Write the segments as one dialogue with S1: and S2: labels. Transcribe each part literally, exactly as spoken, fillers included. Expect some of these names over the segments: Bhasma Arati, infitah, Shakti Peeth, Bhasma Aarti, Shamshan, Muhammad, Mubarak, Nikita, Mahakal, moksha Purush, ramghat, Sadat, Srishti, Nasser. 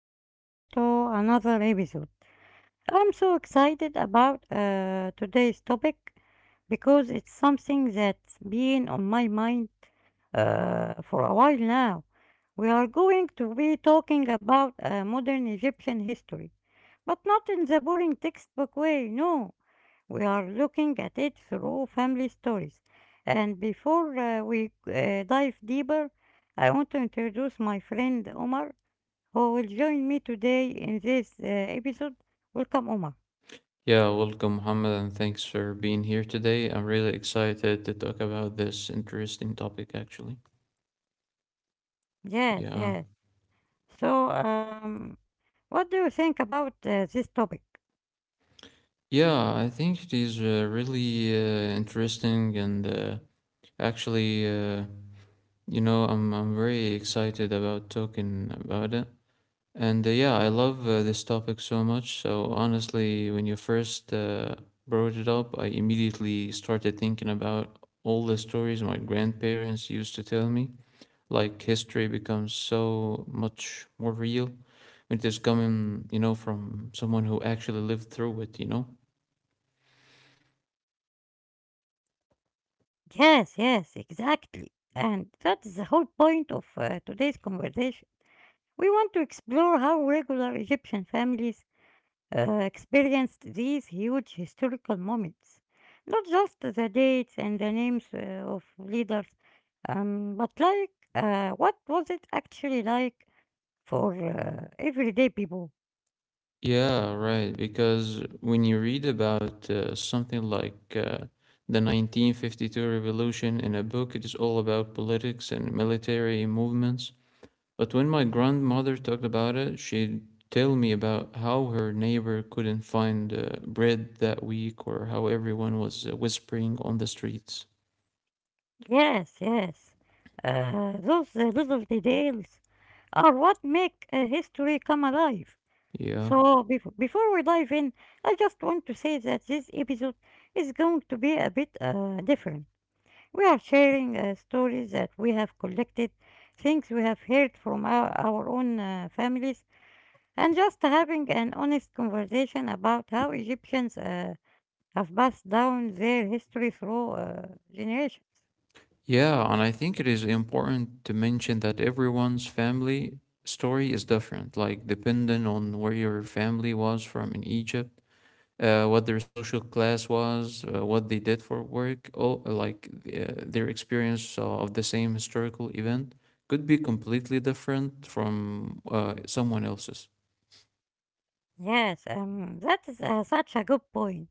S1: welcome back to another episode. I'm so excited about uh, today's topic because it's something that's been on my mind uh, for a while now. We are going to be talking about uh, modern Egyptian history, but not in the boring textbook way, no. We are looking at it through family stories. And before uh, we uh, dive deeper, I want to introduce my friend Omar who will join me today in this uh, episode. Welcome, Omar. Yes, yes. So, um, what do you think about uh, this topic? Yes, yes, exactly. And that's the whole point of uh, today's conversation. We want to explore how regular Egyptian families uh, experienced these huge historical moments. Not just the dates and the names uh, of leaders, um, but like, uh, what was it actually like for uh, everyday people. Yes, yes. Uh, those uh, little details are what make uh, history come alive. So, bef- before we dive in, I just want to say that this episode is going to be a bit uh, different. We are sharing uh, stories that we have collected, things we have heard from our, our own uh, families, and just having an honest conversation about how Egyptians uh, have passed down their history through uh, generations. Yes, um, that is uh, such a good point.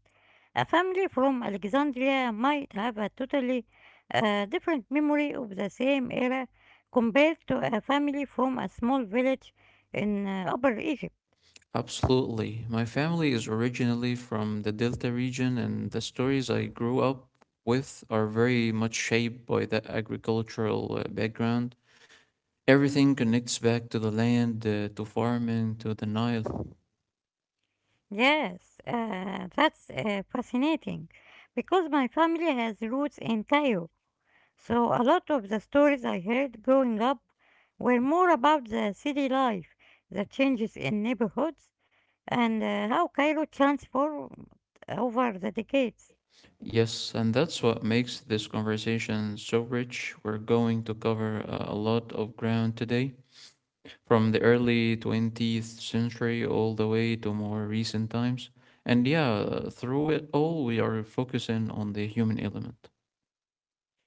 S1: A family from Alexandria might have a totally uh, different memory of the same era compared to a family from a small village in uh, Upper Egypt. Yes, uh, that's uh, fascinating because my family has roots in Cairo. So a lot of the stories I heard growing up were more about the city life, the changes in neighborhoods, and uh, how Cairo transformed over the decades.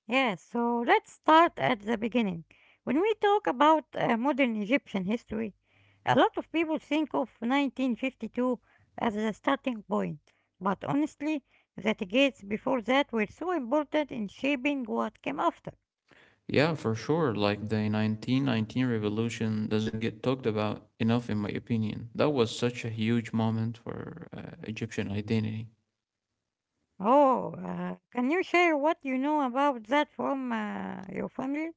S1: Yeah, so let's start at the beginning. When we talk about uh, modern Egyptian history, a lot of people think of nineteen fifty-two as the starting point, but honestly, the decades before that were so important in shaping what came after. Oh, uh, can you share what you know about that from uh, your family?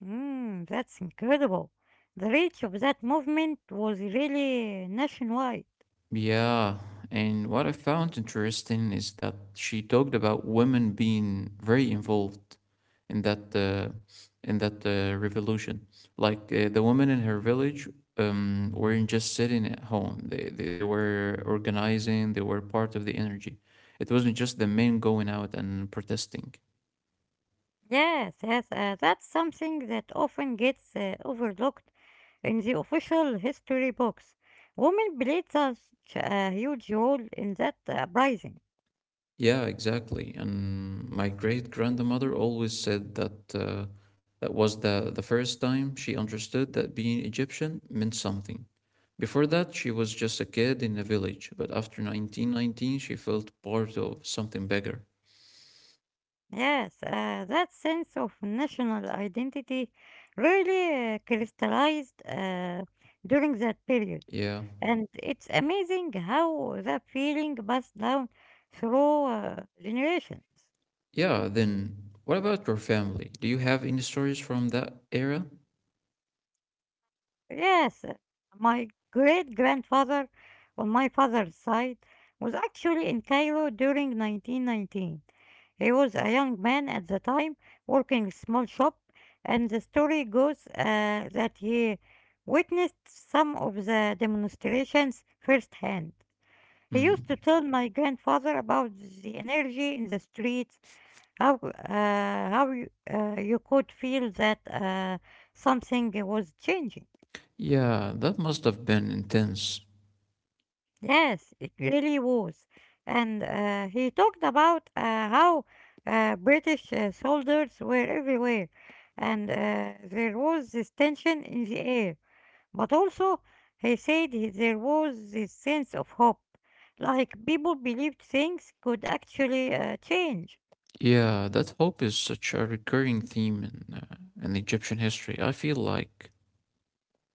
S1: Mm, that's incredible. The reach of that movement was really nationwide. Yes, yes, uh, that's something that often gets uh, overlooked in the official history books. Women played such a huge role in that uprising. Yes, uh, that sense of national identity really uh, crystallized uh, during that period. And it's amazing how that feeling passed down through uh, generations. Yes, uh, my great grandfather on my father's side was actually in Cairo during nineteen nineteen. He was a young man at the time working a small shop, and the story goes uh, that he witnessed some of the demonstrations firsthand. He used to tell my grandfather about the energy in the streets, how uh, how you, uh, you could feel that uh, something was changing. Yes, it really was. And uh, he talked about uh, how uh, British uh, soldiers were everywhere, and uh, there was this tension in the air. But also, he said he- there was this sense of hope, like people believed things could actually uh, change.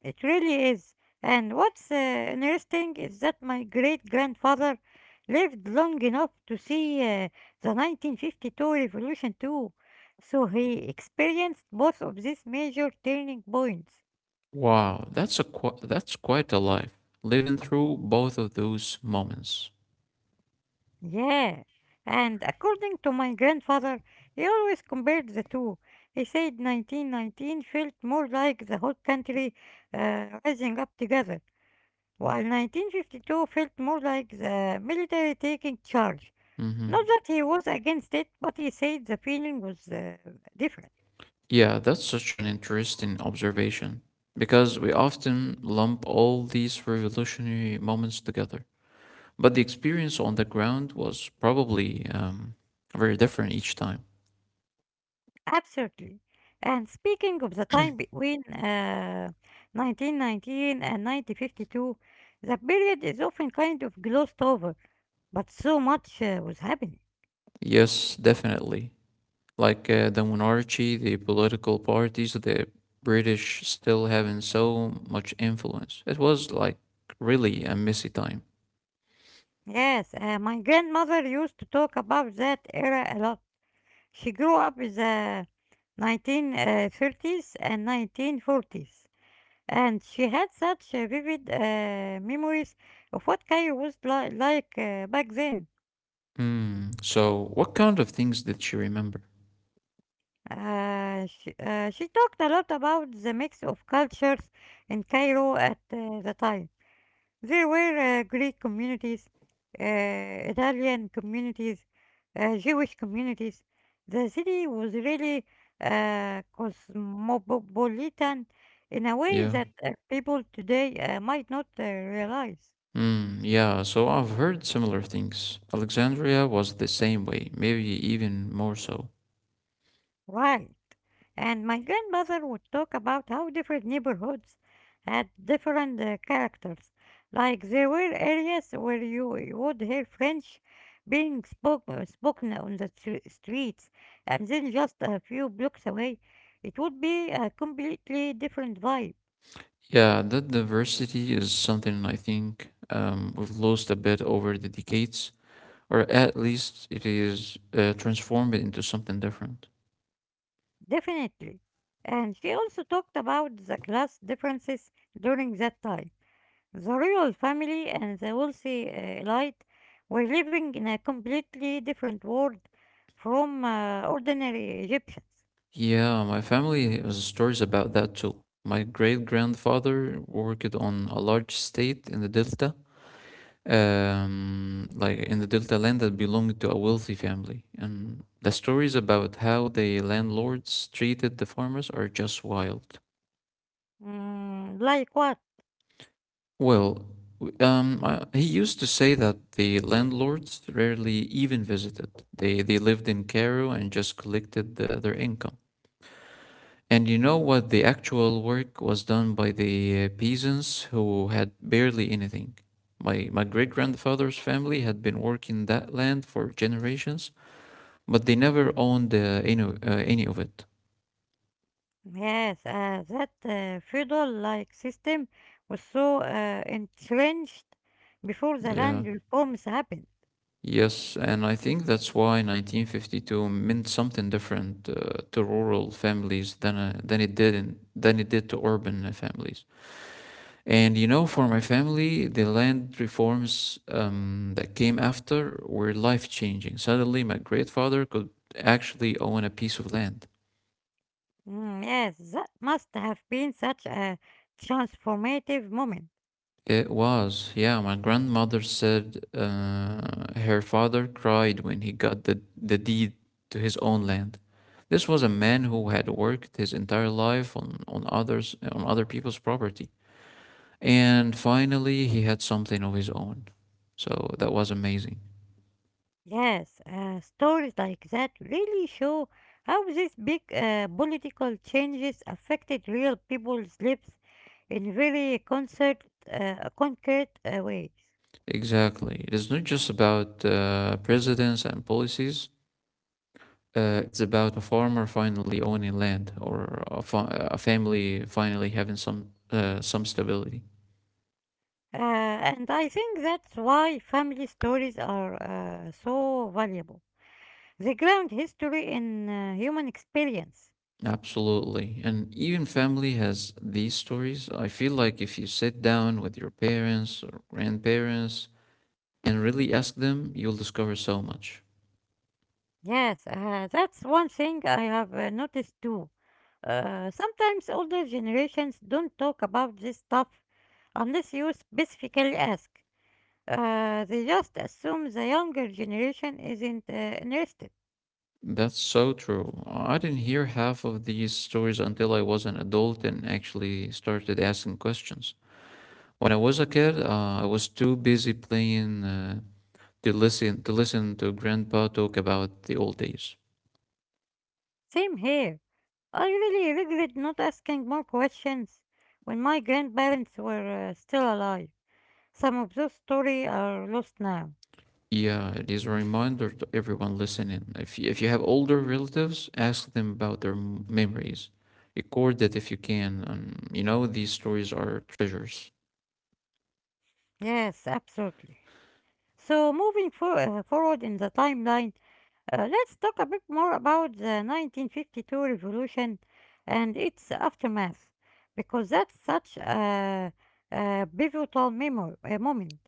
S1: It really is. And what's uh, interesting is that my great grandfather lived long enough to see uh, the nineteen fifty-two revolution too. So he experienced both of these major turning points. Yeah. And according to my grandfather, he always compared the two. He said nineteen nineteen felt more like the whole country uh, rising up together, while nineteen fifty-two felt more like the military taking charge. Not that he was against it, but he said the feeling was uh, different. Absolutely. And speaking of the time between uh, nineteen nineteen and nineteen fifty-two, the period is often kind of glossed over, but so much uh, was happening. Yes, uh, my grandmother used to talk about that era a lot. She grew up in the nineteen thirties and nineteen forties, and she had such uh, vivid uh, memories of what Cairo was li- like uh, back then. Uh, she, uh, she talked a lot about the mix of cultures in Cairo at uh, the time. There were uh, Greek communities, uh, Italian communities, uh, Jewish communities. The city was really uh, cosmopolitan in a way that uh, people today uh, might not uh, realize. Right. And my grandmother would talk about how different neighborhoods had different uh, characters. Like there were areas where you you would hear French being spoke, uh, spoken on the stre- streets, and then just a few blocks away, it would be a completely different vibe, definitely. And she also talked about the class differences during that time. The royal family and the wealthy uh, elite were living in a completely different world from uh, ordinary Egyptians. Mm, like what? Yes, uh, that uh, feudal-like system was so uh, entrenched before the land reforms happened. Mm, yes, that must have been such a transformative moment. Yes, uh, stories like that really show how these big uh, political changes affected real people's lives in very concert, uh, concrete uh, ways. Uh, and I think that's why family stories are uh, so valuable. They ground history in uh, human experience. Yes, uh, that's one thing I have uh, noticed too. Uh, sometimes older generations don't talk about this stuff unless you specifically ask. Uh, they just assume the younger generation isn't uh, interested. Same here. I really regret not asking more questions when my grandparents were uh, still alive. Some of those stories are lost now. Yes, absolutely. So, moving for, uh, forward in the timeline, uh, let's talk a bit more about the nineteen fifty-two revolution and its aftermath, because that's such a, a pivotal memo- a moment.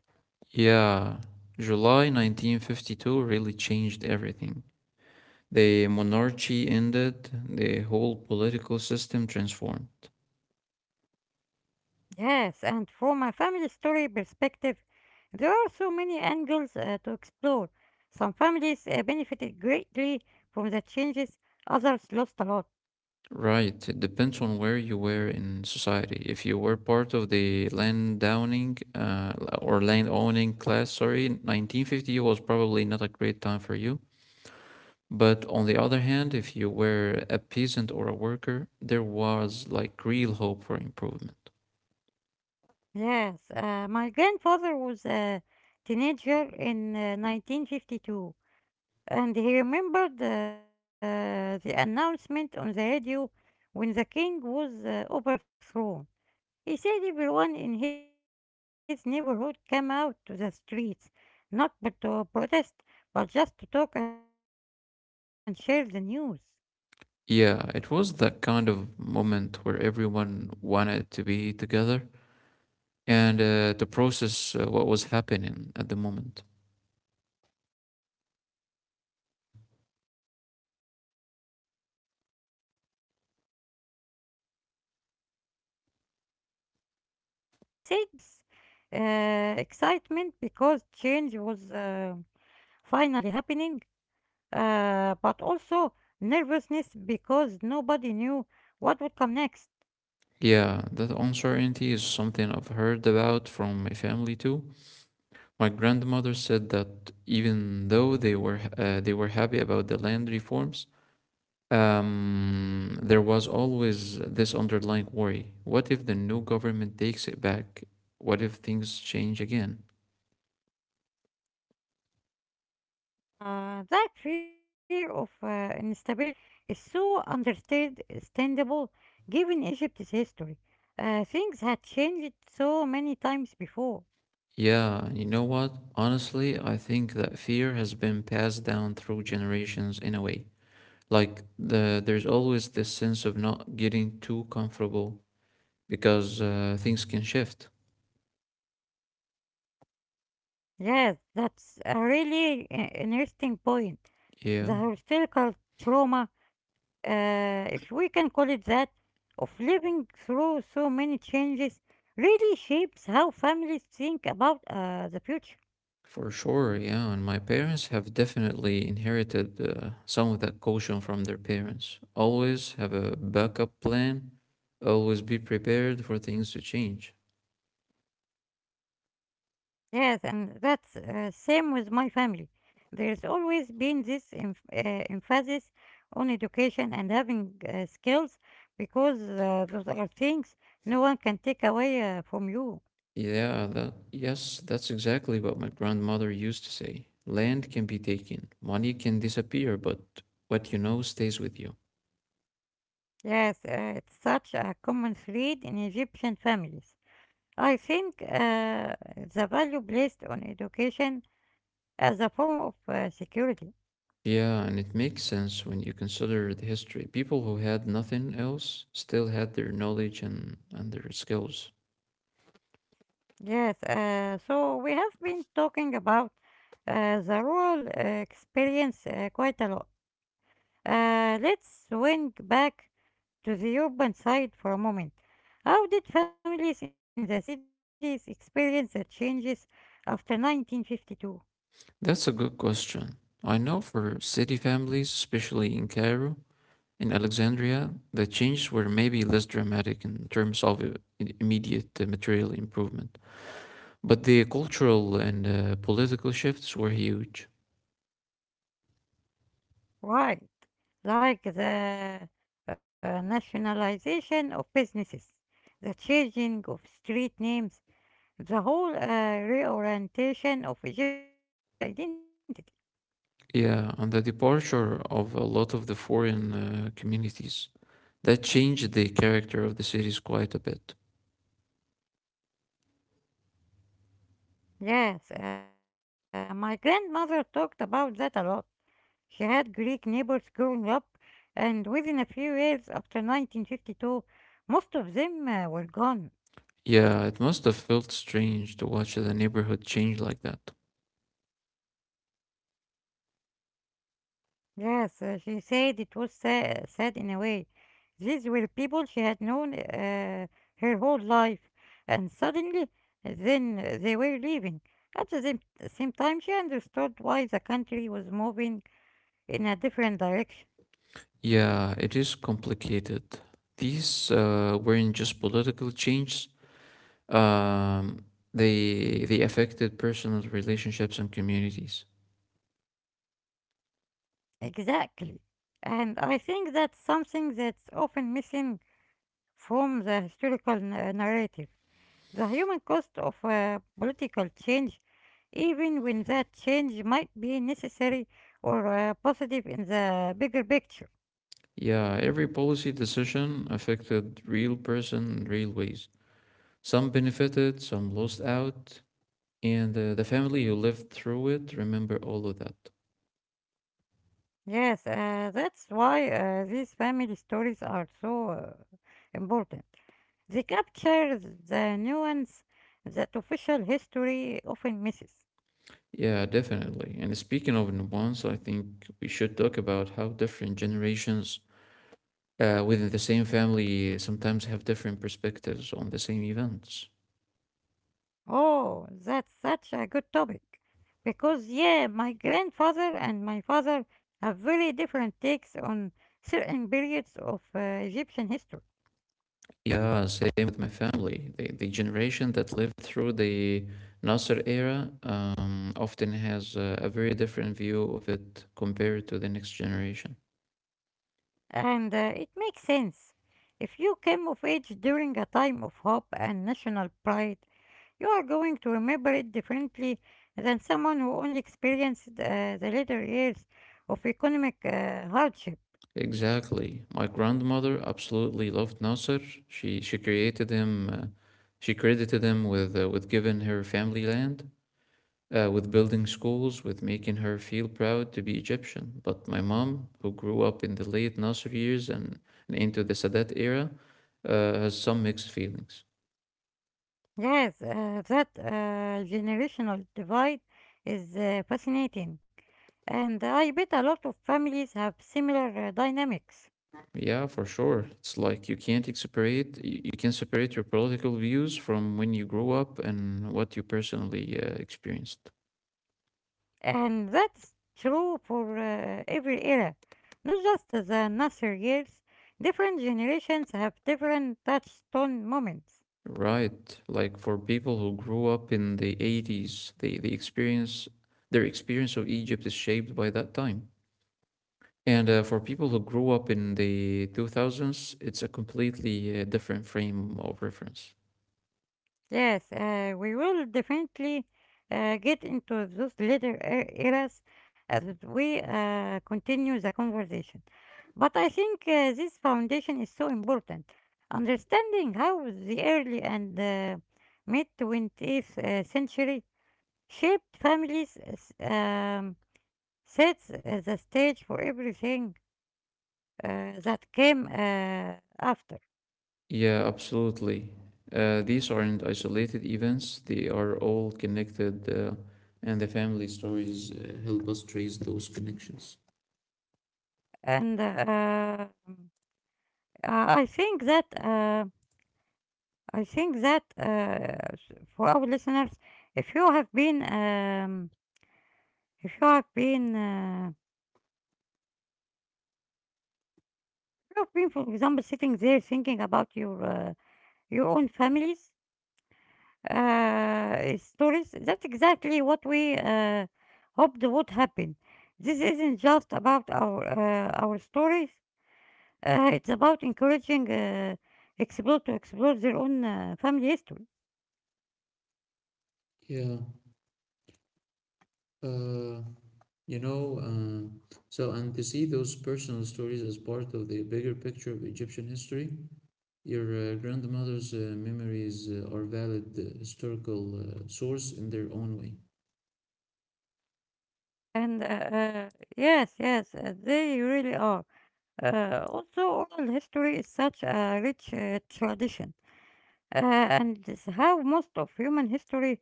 S1: Yes, and from a family story perspective, there are so many angles uh, to explore. Some families uh, benefited greatly from the changes, others lost a lot. Yes, uh, my grandfather was a teenager in uh, nineteen fifty-two, and he remembered uh, the announcement on the radio when the king was uh, overthrown. He said everyone in his neighborhood came out to the streets, not but to protest, but just to talk and share the news. Exactly. And this, he said there was a mix of excitement and uh, nervousness. Uh, excitement because change was uh, finally happening, uh, but also nervousness because nobody knew what would come next. Uh, that fear of uh, instability is so understand- understandable given Egypt's history. Uh, things had changed so many times before. Yes, that's a really i- interesting point. The historical trauma, uh, if we can call it that, of living through so many changes really shapes how families think about uh, the future. Yes, and that's uh, same with my family. There's always been this em- uh, emphasis on education and having uh, skills because uh, those are things no one can take away uh, from you. Yes, uh, it's such a common thread in Egyptian families. I think uh, the value placed on education as a form of uh, security. Yes, uh, so we have been talking about uh, the rural uh, experience uh, quite a lot. Uh, let's swing back to the urban side for a moment. How did families in the cities experience the changes after nineteen fifty-two? Why? Like the uh, nationalization of businesses, the changing of street names, the whole uh, reorientation of Egyptian identity. Yes, uh, my grandmother talked about that a lot. She had Greek neighbors growing up, and within a few years after nineteen fifty-two, most of them uh, were gone. Yes, uh, she said it was sad, sad in a way. These were people she had known uh, her whole life, and suddenly, then uh, they were leaving. At the same, same time, she understood why the country was moving in a different direction. Exactly. And I think that's something that's often missing from the historical na- narrative. The human cost of uh, political change even when that change might be necessary or uh, positive in the bigger picture. Yes, uh, that's why uh, these family stories are so uh, important. They capture the nuance that official history often misses. Oh, that's such a good topic. Because, yeah, my grandfather and my father have very different takes on certain periods of uh, Egyptian history. And uh, it makes sense. If you came of age during a time of hope and national pride, you are going to remember it differently than someone who only experienced uh, the later years of economic uh, hardship. Yes, uh, that uh, generational divide is uh, fascinating. And I bet a lot of families have similar uh, dynamics. And that's true for uh, every era, not just the Nasser years. Different generations have different touchstone moments. Yes, uh, we will definitely uh, get into those later e- eras as we uh, continue the conversation. But I think uh, this foundation is so important. Understanding how the early and uh, mid twentieth uh, century shaped families, uh, s- um, sets uh, the stage for everything uh, that came uh, after. And uh, um, I I think that uh, I think that uh, s- for our listeners, if you have been um, if you have been uh, you have been, for example, sitting there thinking about your uh, your own families uh, stories, that's exactly what we uh, hoped would happen. This isn't just about our uh, our stories. Uh, it's about encouraging uh, explore to explore their own uh, family history. And uh, uh, Yes, yes, uh, they really are. Uh, also, oral history is such a rich uh, tradition, uh, and it's how most of human history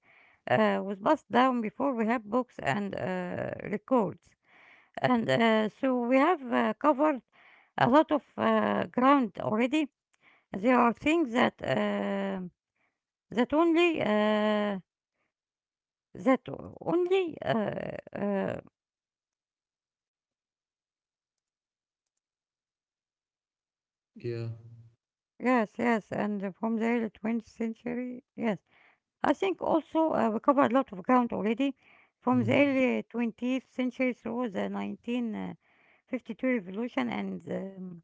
S1: uh, was passed down before we have books and uh, records. And uh, so we have uh, covered a lot of uh, ground already. There are things that uh, that only uh, That o- only, uh, uh, yes, yes, and from the early twentieth century, yes. I think also uh, we covered a lot of ground already from the early twentieth century through the nineteen fifty-two revolution and um,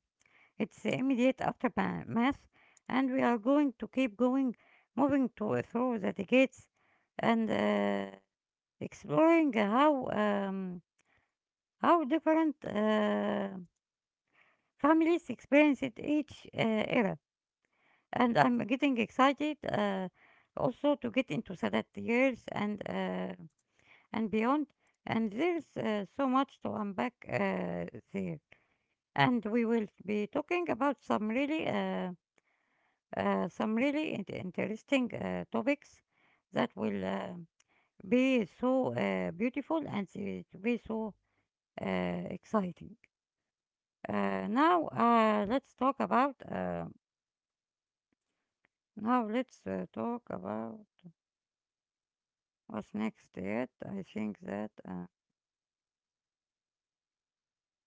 S1: its immediate aftermath. And we are going to keep going, moving to through the decades and uh, exploring how um, how different. Uh, Families experience it each uh, era, and I'm getting excited uh, also to get into Sadat years and uh, and beyond. And there's uh, so much to unpack uh, there. And we will be talking about some really, uh, uh, some really in- interesting uh, topics that will uh, be so uh, beautiful and it will be so uh, exciting. Uh, now, uh, let's talk about. Uh, Now let's uh, talk about what's next yet. I think that uh,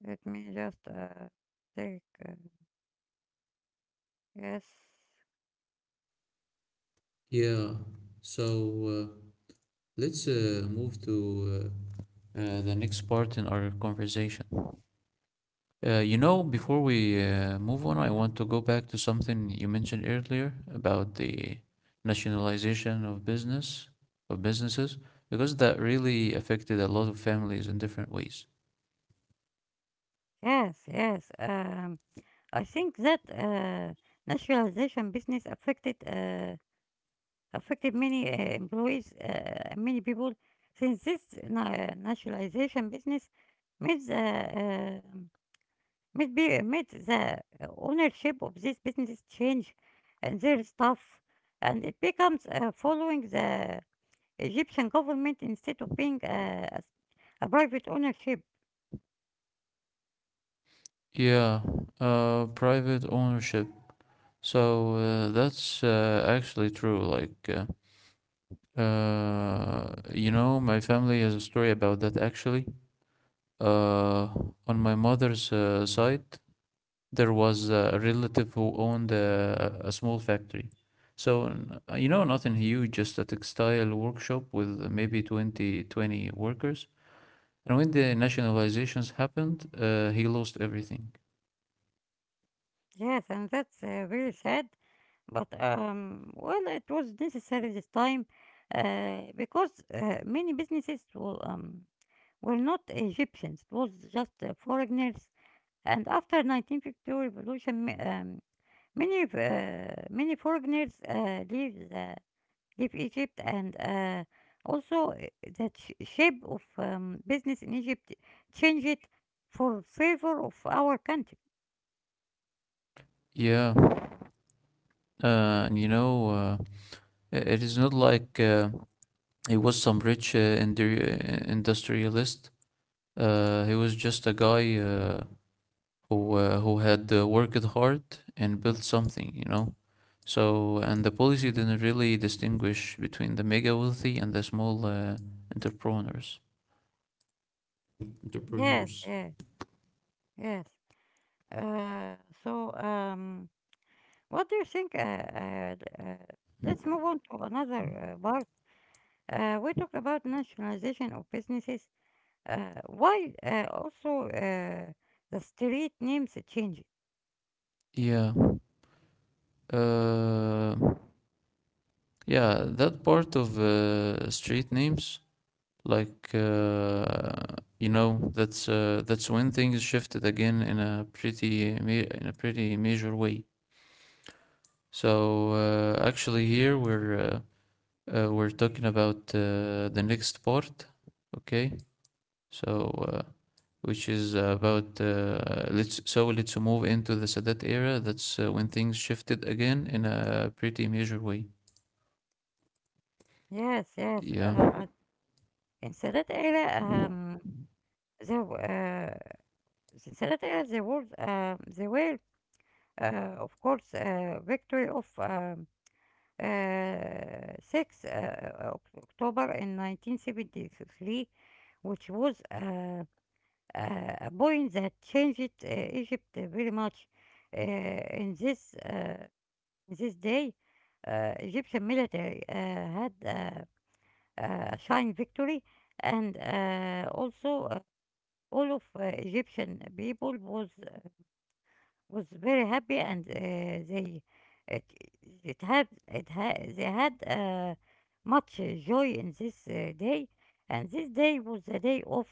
S1: let me just uh, take uh, yes,
S2: Yeah. So uh, let's uh, move to uh, uh, the next part in our conversation. Uh, you know, before we uh, move on, I want to go back to something you mentioned earlier about the nationalization of business of businesses because that really affected a lot of families in different ways.
S1: yes, yes. Um, I think that uh, nationalization business affected uh, affected many uh, employees, uh, many people. Since this na- uh, nationalization business made the uh, um, made be made the ownership of this business change and their staff, and it becomes uh, following the Egyptian government instead of being a, a s- a private ownership.
S2: Yeah, uh, private ownership. So uh, that's uh, actually true. Like. Uh, Uh, you know, my family has a story about that actually. Uh, on my mother's uh, side, there was a relative who owned a, a small factory. So, n- uh, you know, nothing huge, just a textile workshop with maybe twenty twenty workers. And when the nationalizations happened, uh, he lost everything.
S1: Yes, and that's uh, very sad. But um, well, it was necessary this time uh, because uh, many businesses were, um, were not Egyptians; it was just uh, foreigners. And after nineteen fifty-two revolution, um, Many uh, many foreigners uh, leave uh, leave Egypt, and uh, also uh, the sh- shape of um, business in Egypt change it for favor of our country.
S2: Yeah. Uh, and you know, uh, i- it is not like uh, he was some rich uh, indu- uh, industrialist. Uh, he was just a guy uh, who uh, who had uh, worked hard and built something, you know. So and the policy didn't really distinguish between the mega wealthy and the small uh, entrepreneurs.
S1: Yes,
S2: entrepreneurs.
S1: yes, yes. Uh, so, um, what do you think? Uh, uh, uh, let's move on to another uh, part. Uh, we talked about nationalization of businesses. Uh, why uh, also uh, the street names change?
S2: Yeah. Uh, yeah, that part of uh, street names, like uh, you know, that's uh, that's when things shifted again in a pretty ma- in a pretty major way. So uh, actually here we're uh, uh, we're talking about uh, the next part, okay? So uh, which is about uh, let's so let's move into the Sadat era. That's uh, when things shifted again in a pretty major way.
S1: Yes, yes. Uh,
S2: Yeah,
S1: I In Salad Area, um, there, w- uh, in Salad Area, there was, um, there were, uh, of course, uh, victory of um, uh, six uh, Oc- October in nineteen seventy-three, which was uh, uh, a point that changed uh, Egypt uh, very much. Uh, in this uh, in this day, uh, Egyptian military uh, had uh, uh, a shine victory and uh, also all of uh, Egyptian people was was very happy and uh, they it, it had it had they had uh, much uh, joy in this uh, day and this day was the day of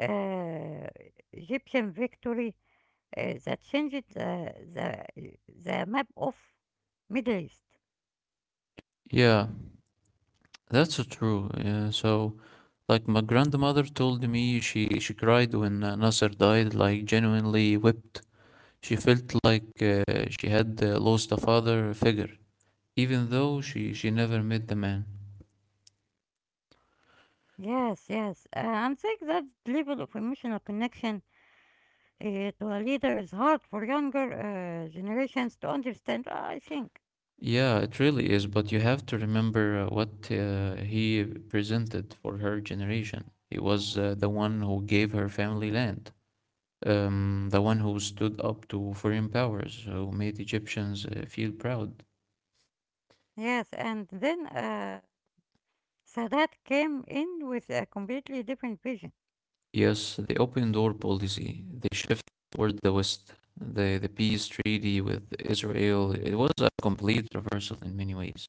S1: uh, Egyptian victory uh, that changed uh, the the map of Middle East.
S2: yeah, that's so true. Yeah, so like my grandmother told me she she cried when uh, Nasser died, like genuinely wept. She felt like uh, she had uh, lost a father figure even though she she never met the man.
S1: Yes, yes, uh, and think that level of emotional connection. It well, leader is hard for younger uh, generations to understand, "Oh, I think."
S2: Yeah, it really is, but you have to remember uh, what uh, he presented for her generation. He was uh, the one who gave her family land, um, the one who stood up to foreign powers, who made Egyptians uh, feel proud.
S1: Yes, and then uh, Sadat came in with a completely different vision.
S2: Yes, the open door policy, the shift toward the West, the, the peace treaty with Israel, it was a complete reversal in many ways.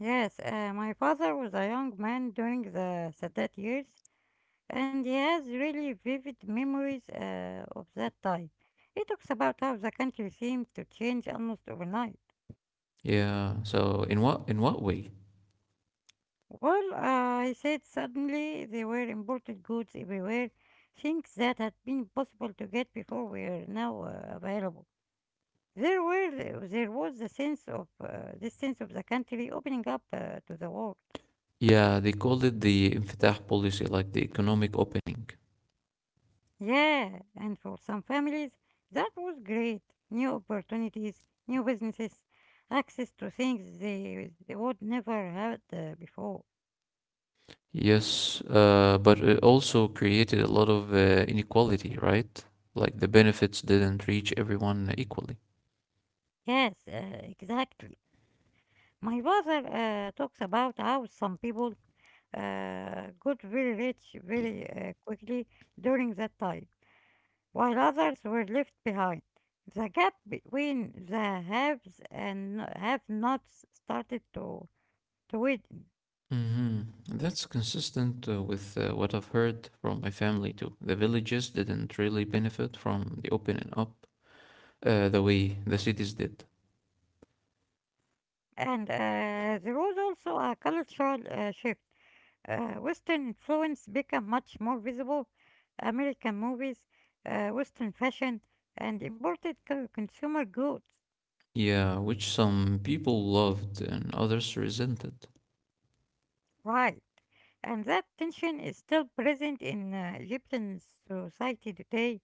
S1: Yes, uh, my father was a young man during the Sadat years, and he has really vivid memories uh, of that time. He talks about how the country seemed to change almost overnight.
S2: Yeah, so in what in what way?
S1: Well, uh, I said suddenly there were imported goods everywhere, things that had been impossible to get before were now uh, available. There were the- there was the sense of uh, this sense of the country opening up uh, to the world.
S2: Yeah, they called it the infitah policy, like the economic opening.
S1: Yeah, and for some families that was great. New opportunities, new businesses, access to things they they would never had uh, before.
S2: Yes, uh, but it also created a lot of uh, inequality, right? Like the benefits didn't reach everyone equally.
S1: Yes, uh, exactly. My brother uh, talks about how some people uh, got very rich very uh, quickly during that time, while others were left behind. The gap between the haves and have-nots started to, to widen.
S2: Hmm. That's consistent uh, with uh, what I've heard from my family too. The villages didn't really benefit from the opening up uh, the way the cities did.
S1: And uh, there was also a cultural uh, shift. Uh, Western influence became much more visible. American movies, uh, Western fashion, and imported co- consumer goods.
S2: Yeah, which some people loved and others resented.
S1: Right. And that tension is still present in uh, Egyptian society today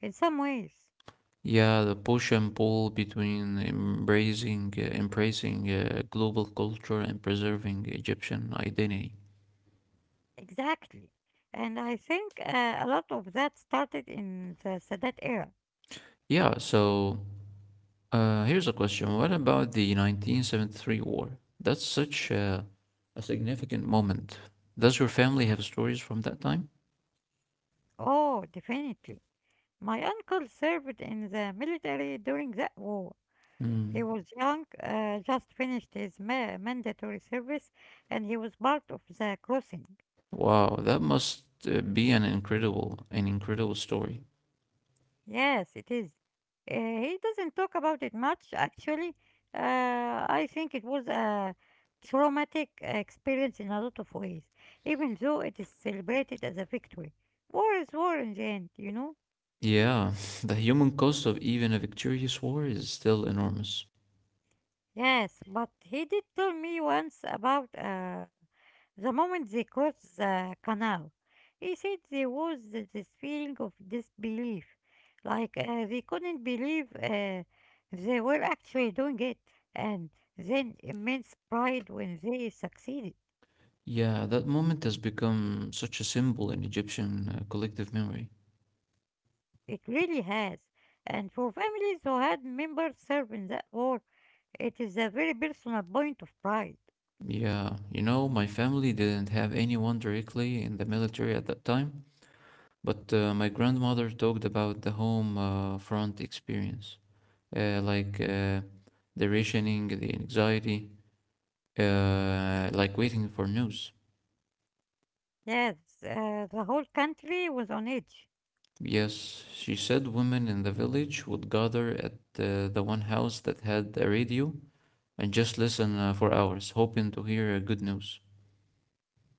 S1: in some ways.
S2: Yeah, the push and pull between embracing uh, embracing uh, global culture and preserving Egyptian identity.
S1: Exactly. And I think uh, a lot of that started in the Sadat era.
S2: Yeah, so uh, here's a question. What about the nineteen seventy-three war? That's such a, a significant moment. Does your family have stories from that time?
S1: Oh, definitely. My uncle served in the military during that war.
S2: Mm.
S1: He was young, uh, just finished his ma- mandatory service, and he was part of the crossing.
S2: Wow, that must uh, be an incredible, an incredible story.
S1: Yes, it is. Uh, he doesn't talk about it much, actually. Uh, I think it was a traumatic experience in a lot of ways, even though it is celebrated as a victory. War is war in the end, you know?
S2: Yeah, the human cost of even a victorious war is still enormous.
S1: Yes, but he did tell me once about uh, the moment they crossed the canal. He said there was th- this feeling of disbelief, like uh, they couldn't believe uh, they were actually doing it, and then immense pride when they succeeded.
S2: Yeah, that moment has become such a symbol in Egyptian uh, collective memory.
S1: It really has. And for families who had members serve in that war, it is a very personal point of pride.
S2: Yeah, you know, my family didn't have anyone directly in the military at that time, but uh, my grandmother talked about the home uh, front experience, uh, like uh, the rationing, the anxiety, uh, like waiting for news.
S1: Yes, uh, the whole country was on edge.
S2: Yes, she said women in the village would gather at uh, the one house that had a radio and just listen uh, for hours, hoping to hear uh, good news.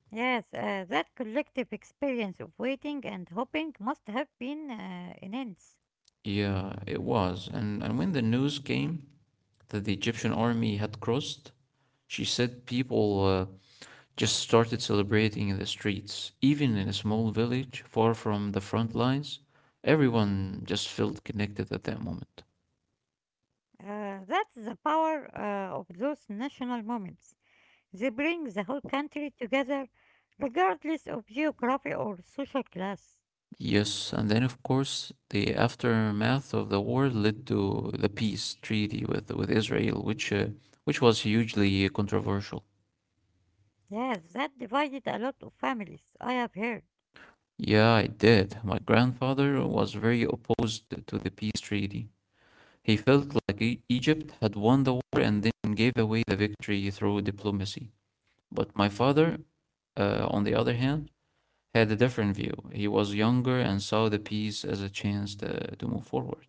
S1: Yes, uh, that collective experience of waiting and hoping must have been uh, immense.
S2: Yeah, it was. And and when the news came that the Egyptian army had crossed, she said people uh, just started celebrating in the streets, even in a small village far from the front lines. Everyone just felt connected at that moment.
S1: Uh, that's the power uh, of those national moments. They bring the whole country together, regardless of geography or social class.
S2: Yes, and then of course the aftermath of the war led to the peace treaty with with Israel, which uh, which was hugely controversial.
S1: Yes, that divided a lot of families, I have heard.
S2: Yeah, it did. My grandfather was very opposed to the peace treaty. He felt like E- Egypt had won the war and then gave away the victory through diplomacy. But my father, uh, on the other hand, had a different view. He was younger and saw the peace as a chance to, to move forward.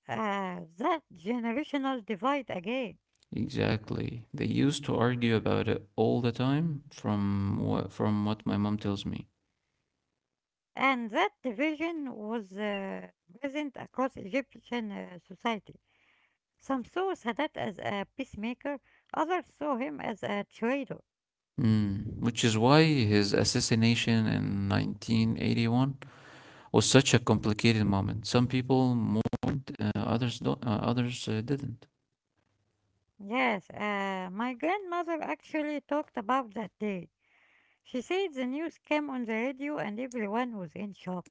S1: Uh, that generational divide again.
S2: Exactly. They used to argue about it all the time, from what, from what my mom tells me.
S1: And that division was uh, present across Egyptian uh, society. Some saw Sadat as a peacemaker, others saw him as a traitor.
S2: Mm. Which is why his assassination in nineteen eighty-one was such a complicated moment. Some people mourned, uh, others don't, uh, others uh, didn't.
S1: Yes, uh, my grandmother actually talked about that day. She said the news came on the radio and everyone was in shock.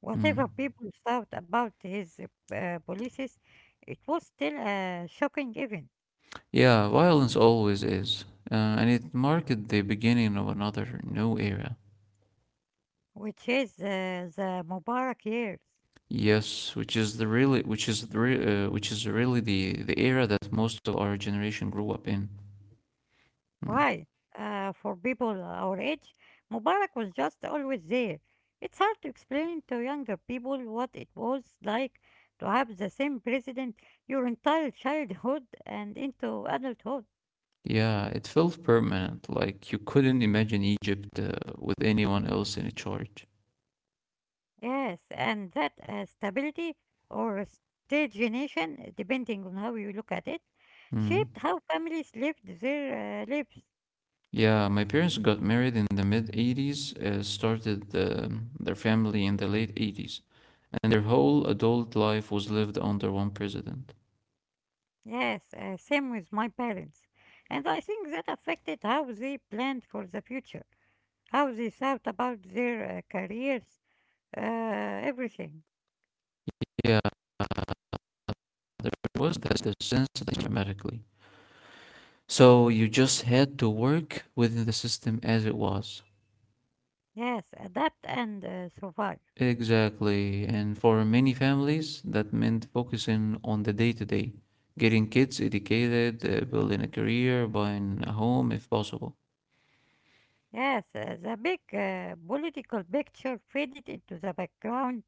S1: Whatever
S2: Mm.
S1: people thought about his uh, policies, it was still a shocking event,
S2: Yeah, violence always is, uh, and it marked the beginning of another new era.
S1: which is uh, the Mubarak years.
S2: Yes, which is the really, which is the, re- uh, which is really the the era that most of our generation grew up in. Mm.
S1: Right. Uh, for people our age, Mubarak was just always there. It's hard to explain to younger people what it was like to have the same president your entire childhood and into adulthood.
S2: Yeah, it felt permanent, like you couldn't imagine Egypt uh, with anyone else in charge.
S1: Yes, and that uh, stability or stagnation, depending on how you look at it,
S2: Mm.
S1: shaped how families lived their uh, lives.
S2: Yeah, my parents got married in the mid eighties, uh, started um their family in the late eighties, and their whole adult life was lived under one president.
S1: Yes, uh, same with my parents. And I think that affected how they planned for the future. How they thought about their uh, careers, uh, everything.
S2: Yeah, there was this, this sense that dramatically. So you just had to work within the system as it was.
S1: Yes, adapt and uh, survive.
S2: Exactly. And for many families, that meant focusing on the day to day, getting kids educated, uh, building a career, buying a home if possible.
S1: Yes, uh, the big uh, political picture faded into the background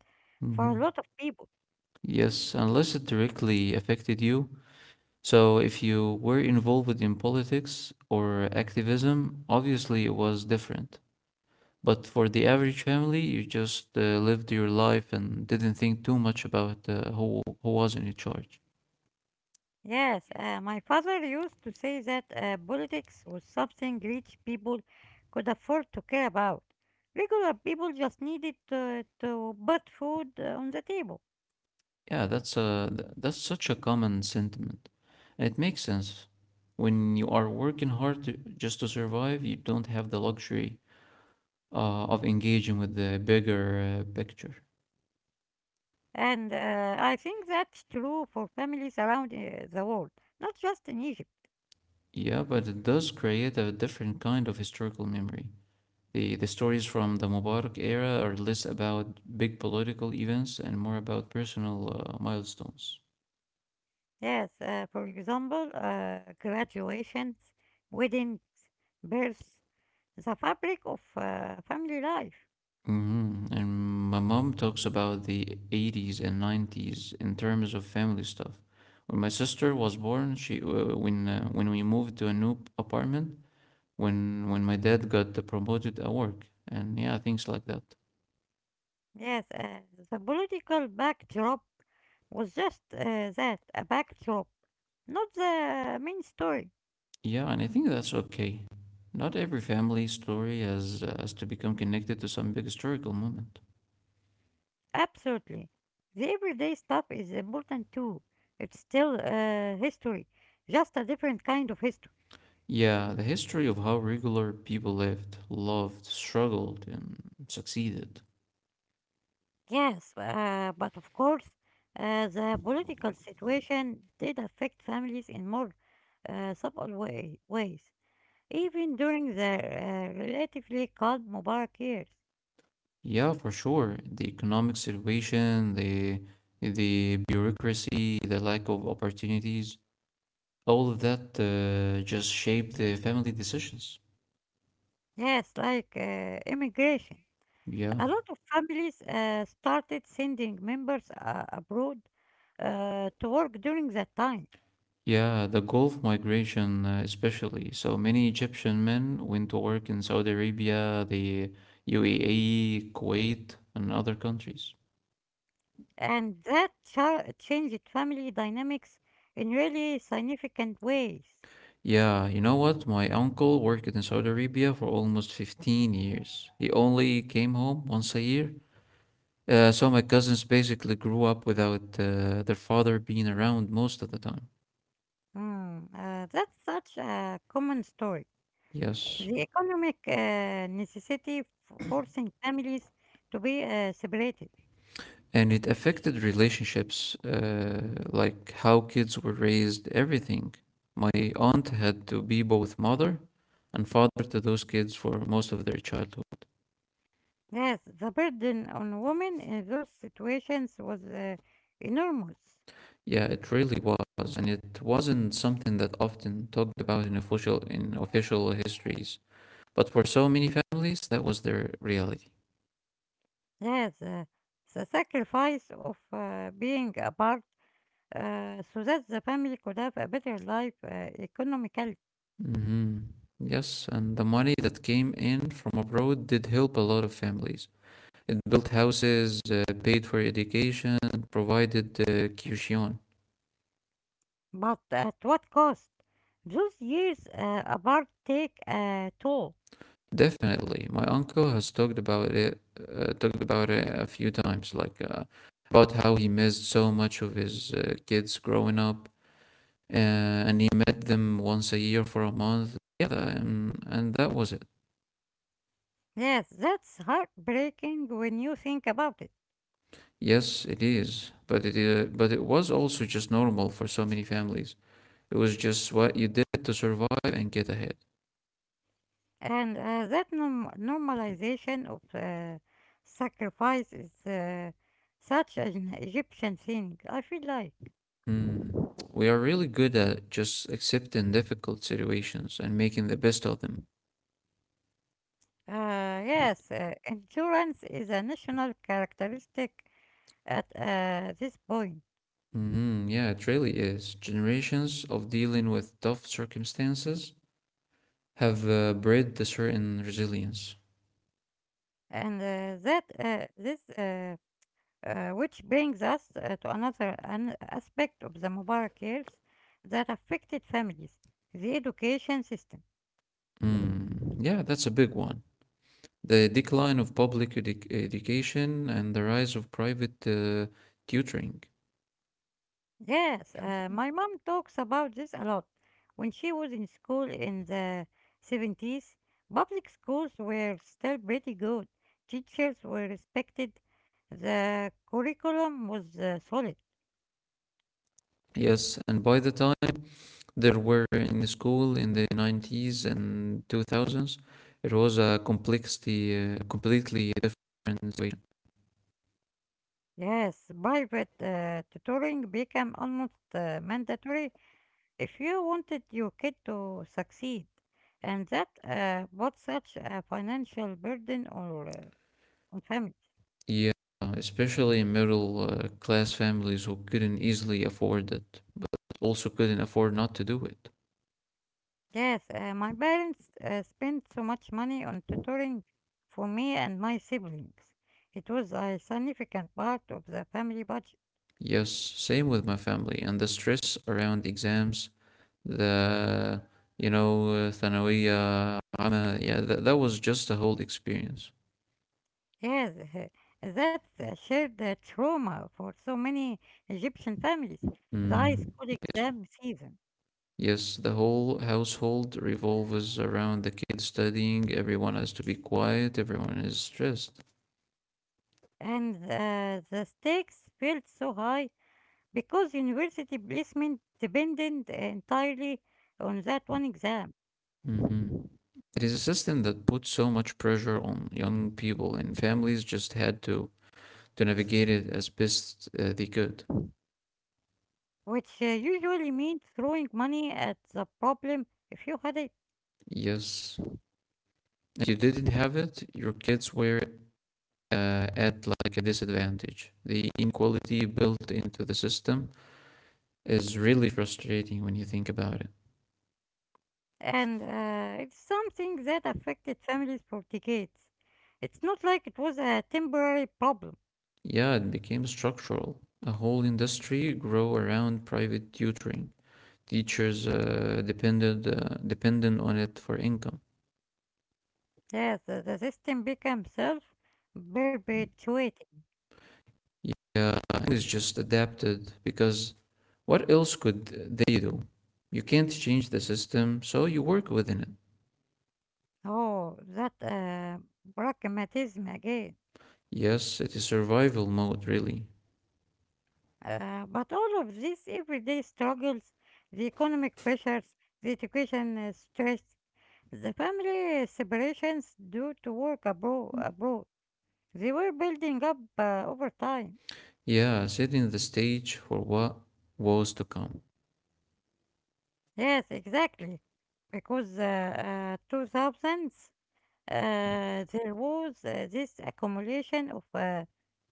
S1: for a lot
S2: Hmm.
S1: of people.
S2: Yes, unless it directly affected you. So if you were involved in politics or activism, obviously it was different. But for the average family, you just uh, lived your life and didn't think too much about uh, who who was in charge.
S1: Yes, uh, my father used to say that uh, politics was something rich people could afford to care about. Regular people just needed to, to put food uh, on the table.
S2: Yeah, that's a th- that's such a common sentiment, and it makes sense. When you are working hard to, just to survive, you don't have the luxury uh, of engaging with the bigger uh, picture.
S1: And uh, I think that's true for families around uh, the world, not just in Egypt.
S2: Yeah, but it does create a different kind of historical memory. The the stories from the Mubarak era are less about big political events and more about personal uh, milestones.
S1: Yes, uh, for example, uh, graduations, weddings, births, the fabric of uh, family life.
S2: Mhm. And my mom talks about the eighties and nineties in terms of family stuff. When my sister was born, she uh, when uh, when we moved to a new p- apartment, when when my dad got promoted at work, and yeah, things like that.
S1: Yes, uh, the political backdrop was just uh, that, a backdrop, not the main story.
S2: Yeah, and I think that's okay. Not every family story has uh, has to become connected to some big historical moment.
S1: Absolutely. The everyday stuff is important too. It's still uh, history, just a different kind of history.
S2: Yeah, the history of how regular people lived, loved, struggled, and succeeded.
S1: Yes, uh, but of course, uh, the political situation did affect families in more uh, subtle way, ways, even during the uh, relatively calm Mubarak years.
S2: Yeah, for sure. The economic situation, the the bureaucracy, the lack of opportunities, all of that uh, just shape the family decisions.
S1: Yes, like uh, immigration.
S2: Yeah.
S1: A lot of families uh, started sending members uh, abroad uh, to work during that time,
S2: Yeah, the Gulf migration, uh, especially. So many Egyptian men went to work in Saudi Arabia, the U A E, Kuwait, and other countries.
S1: and that cha- changed family dynamics in really significant ways.
S2: Yeah, you know what? My uncle worked in Saudi Arabia for almost fifteen years. He only came home once a year. Uh, so my cousins basically grew up without uh, their father being around most of the time.
S1: Mm, uh, that's such a common story.
S2: Yes.
S1: The economic uh, necessity f- forcing families to be uh, separated.
S2: And it affected relationships, uh, like how kids were raised, everything. My aunt had to be both mother and father to those kids for most of their childhood.
S1: Yes, the burden on women in those situations was uh, enormous.
S2: Yeah, it really was, and it wasn't something that often talked about in official in official histories. But for so many families, that was their reality.
S1: Yes, uh, the sacrifice of uh, being apart uh, so that the family could have a better life uh, economically.
S2: Hmm. Yes, and the money that came in from abroad did help a lot of families. It built houses, uh, paid for education, provided uh, kyushion.
S1: But at what cost? Those years uh, apart take a toll.
S2: Definitely, my uncle has talked about it, uh, talked about it a few times, like uh, about how he missed so much of his uh, kids growing up, uh, and he met them once a year for a month. Yeah, and, and that was it.
S1: Yes, that's heartbreaking when you think about it.
S2: Yes, it is, but it uh, but it was also just normal for so many families. It was just what you did to survive and get ahead.
S1: And uh, that norm- normalization of uh, sacrifice is uh, such an Egyptian thing, I feel like.
S2: Hmm. We are really good at just accepting difficult situations and making the best of them.
S1: Uh, yes, uh, endurance is a national characteristic at uh, this point.
S2: Hmm. Yeah, it really is. Generations of dealing with tough circumstances have uh, bred a certain resilience.
S1: And uh, that uh, this uh, uh, which brings us uh, to another an aspect of the Mubarak years that affected families, the education system.
S2: Hmm. Yeah, that's a big one. The decline of public edu- education and the rise of private uh, tutoring.
S1: Yes, uh, my mom talks about this a lot. When she was in school in the seventies, public schools were still pretty good. Teachers were respected. The curriculum was uh, solid.
S2: Yes, and by the time there were in the school in the nineties and two thousands. It was a complexity, uh, completely different situation.
S1: Yes, private uh, tutoring became almost uh, mandatory if you wanted your kid to succeed. And that uh, was such a financial burden or, uh, on families.
S2: Yeah, especially in middle uh, class families who couldn't easily afford it, but also couldn't afford not to do it.
S1: Yes, uh, my parents uh, spent so much money on tutoring for me and my siblings. It was a significant part of the family budget.
S2: Yes, same with my family. And the stress around exams, the, you know, uh, yeah, that, that was just a whole experience.
S1: Yes, uh, that's a shared uh, trauma for so many Egyptian families. The high
S2: Mm,
S1: school
S2: yes.
S1: exam season
S2: Yes, the whole household revolves around the kids studying. Everyone has to be quiet. Everyone is stressed.
S1: and uh, the stakes felt so high because university placement depended entirely on that one exam,
S2: Mhm. It is a system that puts so much pressure on young people, and families just had to to navigate it as best uh, they could.
S1: which uh, usually means throwing money at the problem if you had a.
S2: Yes, if you didn't have it, your kids were uh, at like a disadvantage. The inequality built into the system is really frustrating when you think about it.
S1: And uh, it's something that affected families for decades. It's not like it was a temporary problem.
S2: Yeah, it became structural. A whole industry grew around private tutoring. Teachers uh, depended uh, dependent on it for income.
S1: Yes, the, the system became self-perpetuating.
S2: Yeah, it's just adapted because what else could they do? You can't change the system, so you work within it.
S1: Oh, that uh, pragmatism again.
S2: Yes, it is survival mode, really.
S1: Uh, but all of these everyday struggles, the economic pressures, the education uh, stress, the family separations due to work abro- abroad, they were building up uh, over time.
S2: Yeah, setting the stage for what was to come.
S1: Yes, exactly. Because uh, uh, two thousands, uh, there was uh, this accumulation of uh,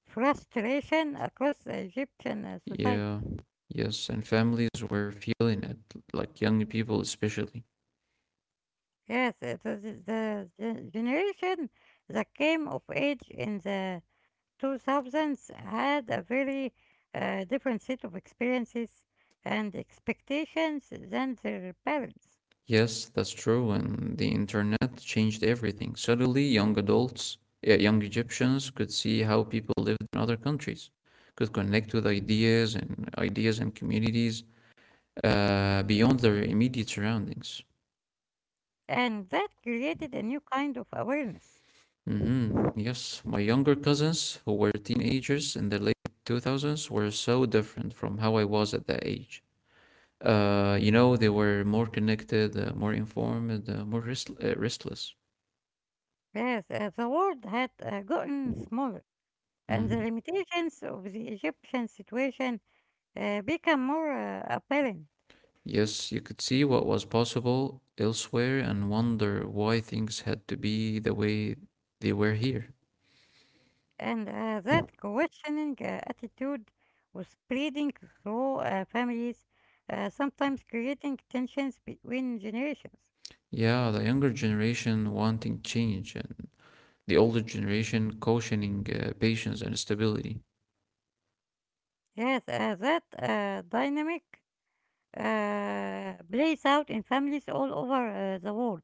S1: frustration across Egyptian uh, society.
S2: Yeah, yes, and families were feeling it, like young people especially.
S1: Yes, it is the, the gen- generation that came of age in the two thousands had a very uh, different set of experiences and expectations than their parents.
S2: Yes, that's true. And the internet changed everything. Suddenly, young adults, uh, young Egyptians could see how people lived in other countries, could connect with ideas and ideas and communities uh, beyond their immediate surroundings.
S1: And that created a new kind of awareness.
S2: Hmm. Yes, my younger cousins who were teenagers in the late two thousands were so different from how I was at that age. Uh, you know, they were more connected, uh, more informed, uh, more rest- uh, restless.
S1: Yes, uh, the world had uh, gotten smaller, and the
S2: Mm.
S1: limitations of the Egyptian situation uh, became more uh, apparent,
S2: Yes, you could see what was possible elsewhere and wonder why things had to be the way they were here.
S1: and uh, that questioning uh, attitude was spreading through uh, families, uh, sometimes creating tensions between generations.
S2: Yeah, the younger generation wanting change and the older generation cautioning uh, patience and stability.
S1: Yes, uh, that uh, dynamic uh, plays out in families all over uh, the world,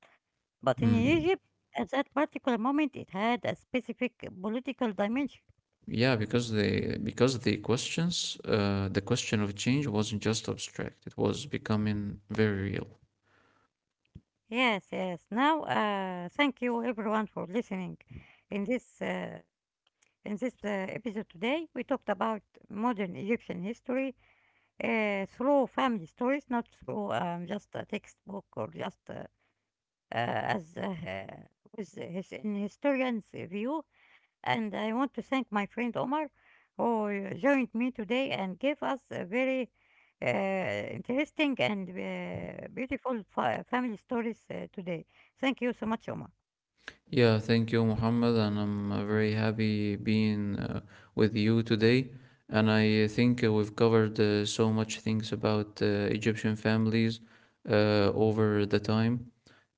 S1: but in
S2: Hmm.
S1: Egypt, at that particular moment, it had a specific political dimension.
S2: Yeah, because they because the questions uh, the question of change wasn't just abstract, it was becoming very real.
S1: Yes, yes. Now, uh, thank you everyone for listening. In this uh, in this uh, episode today, we talked about modern Egyptian history uh, through family stories, not through um, just a textbook or just uh, uh, as uh, uh, with his, in historian's view. And I want to thank my friend Omar who joined me today and gave us a very uh, interesting and uh, beautiful fa- family stories uh, today. Thank you so much, Omar.
S2: Yeah, thank you, Muhammad, and I'm uh, very happy being uh, with you today. And I think uh, we've covered uh, so much things about uh, Egyptian families uh, over the time,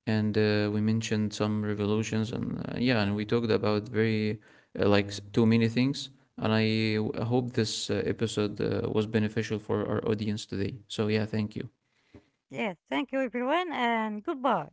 S2: and uh, we mentioned some revolutions, and uh, yeah, and we talked about very uh, like s- too many things. And I uh, hope this uh, episode uh, was beneficial for our audience today. So yeah, thank you.
S1: Yes, thank you everyone, and goodbye.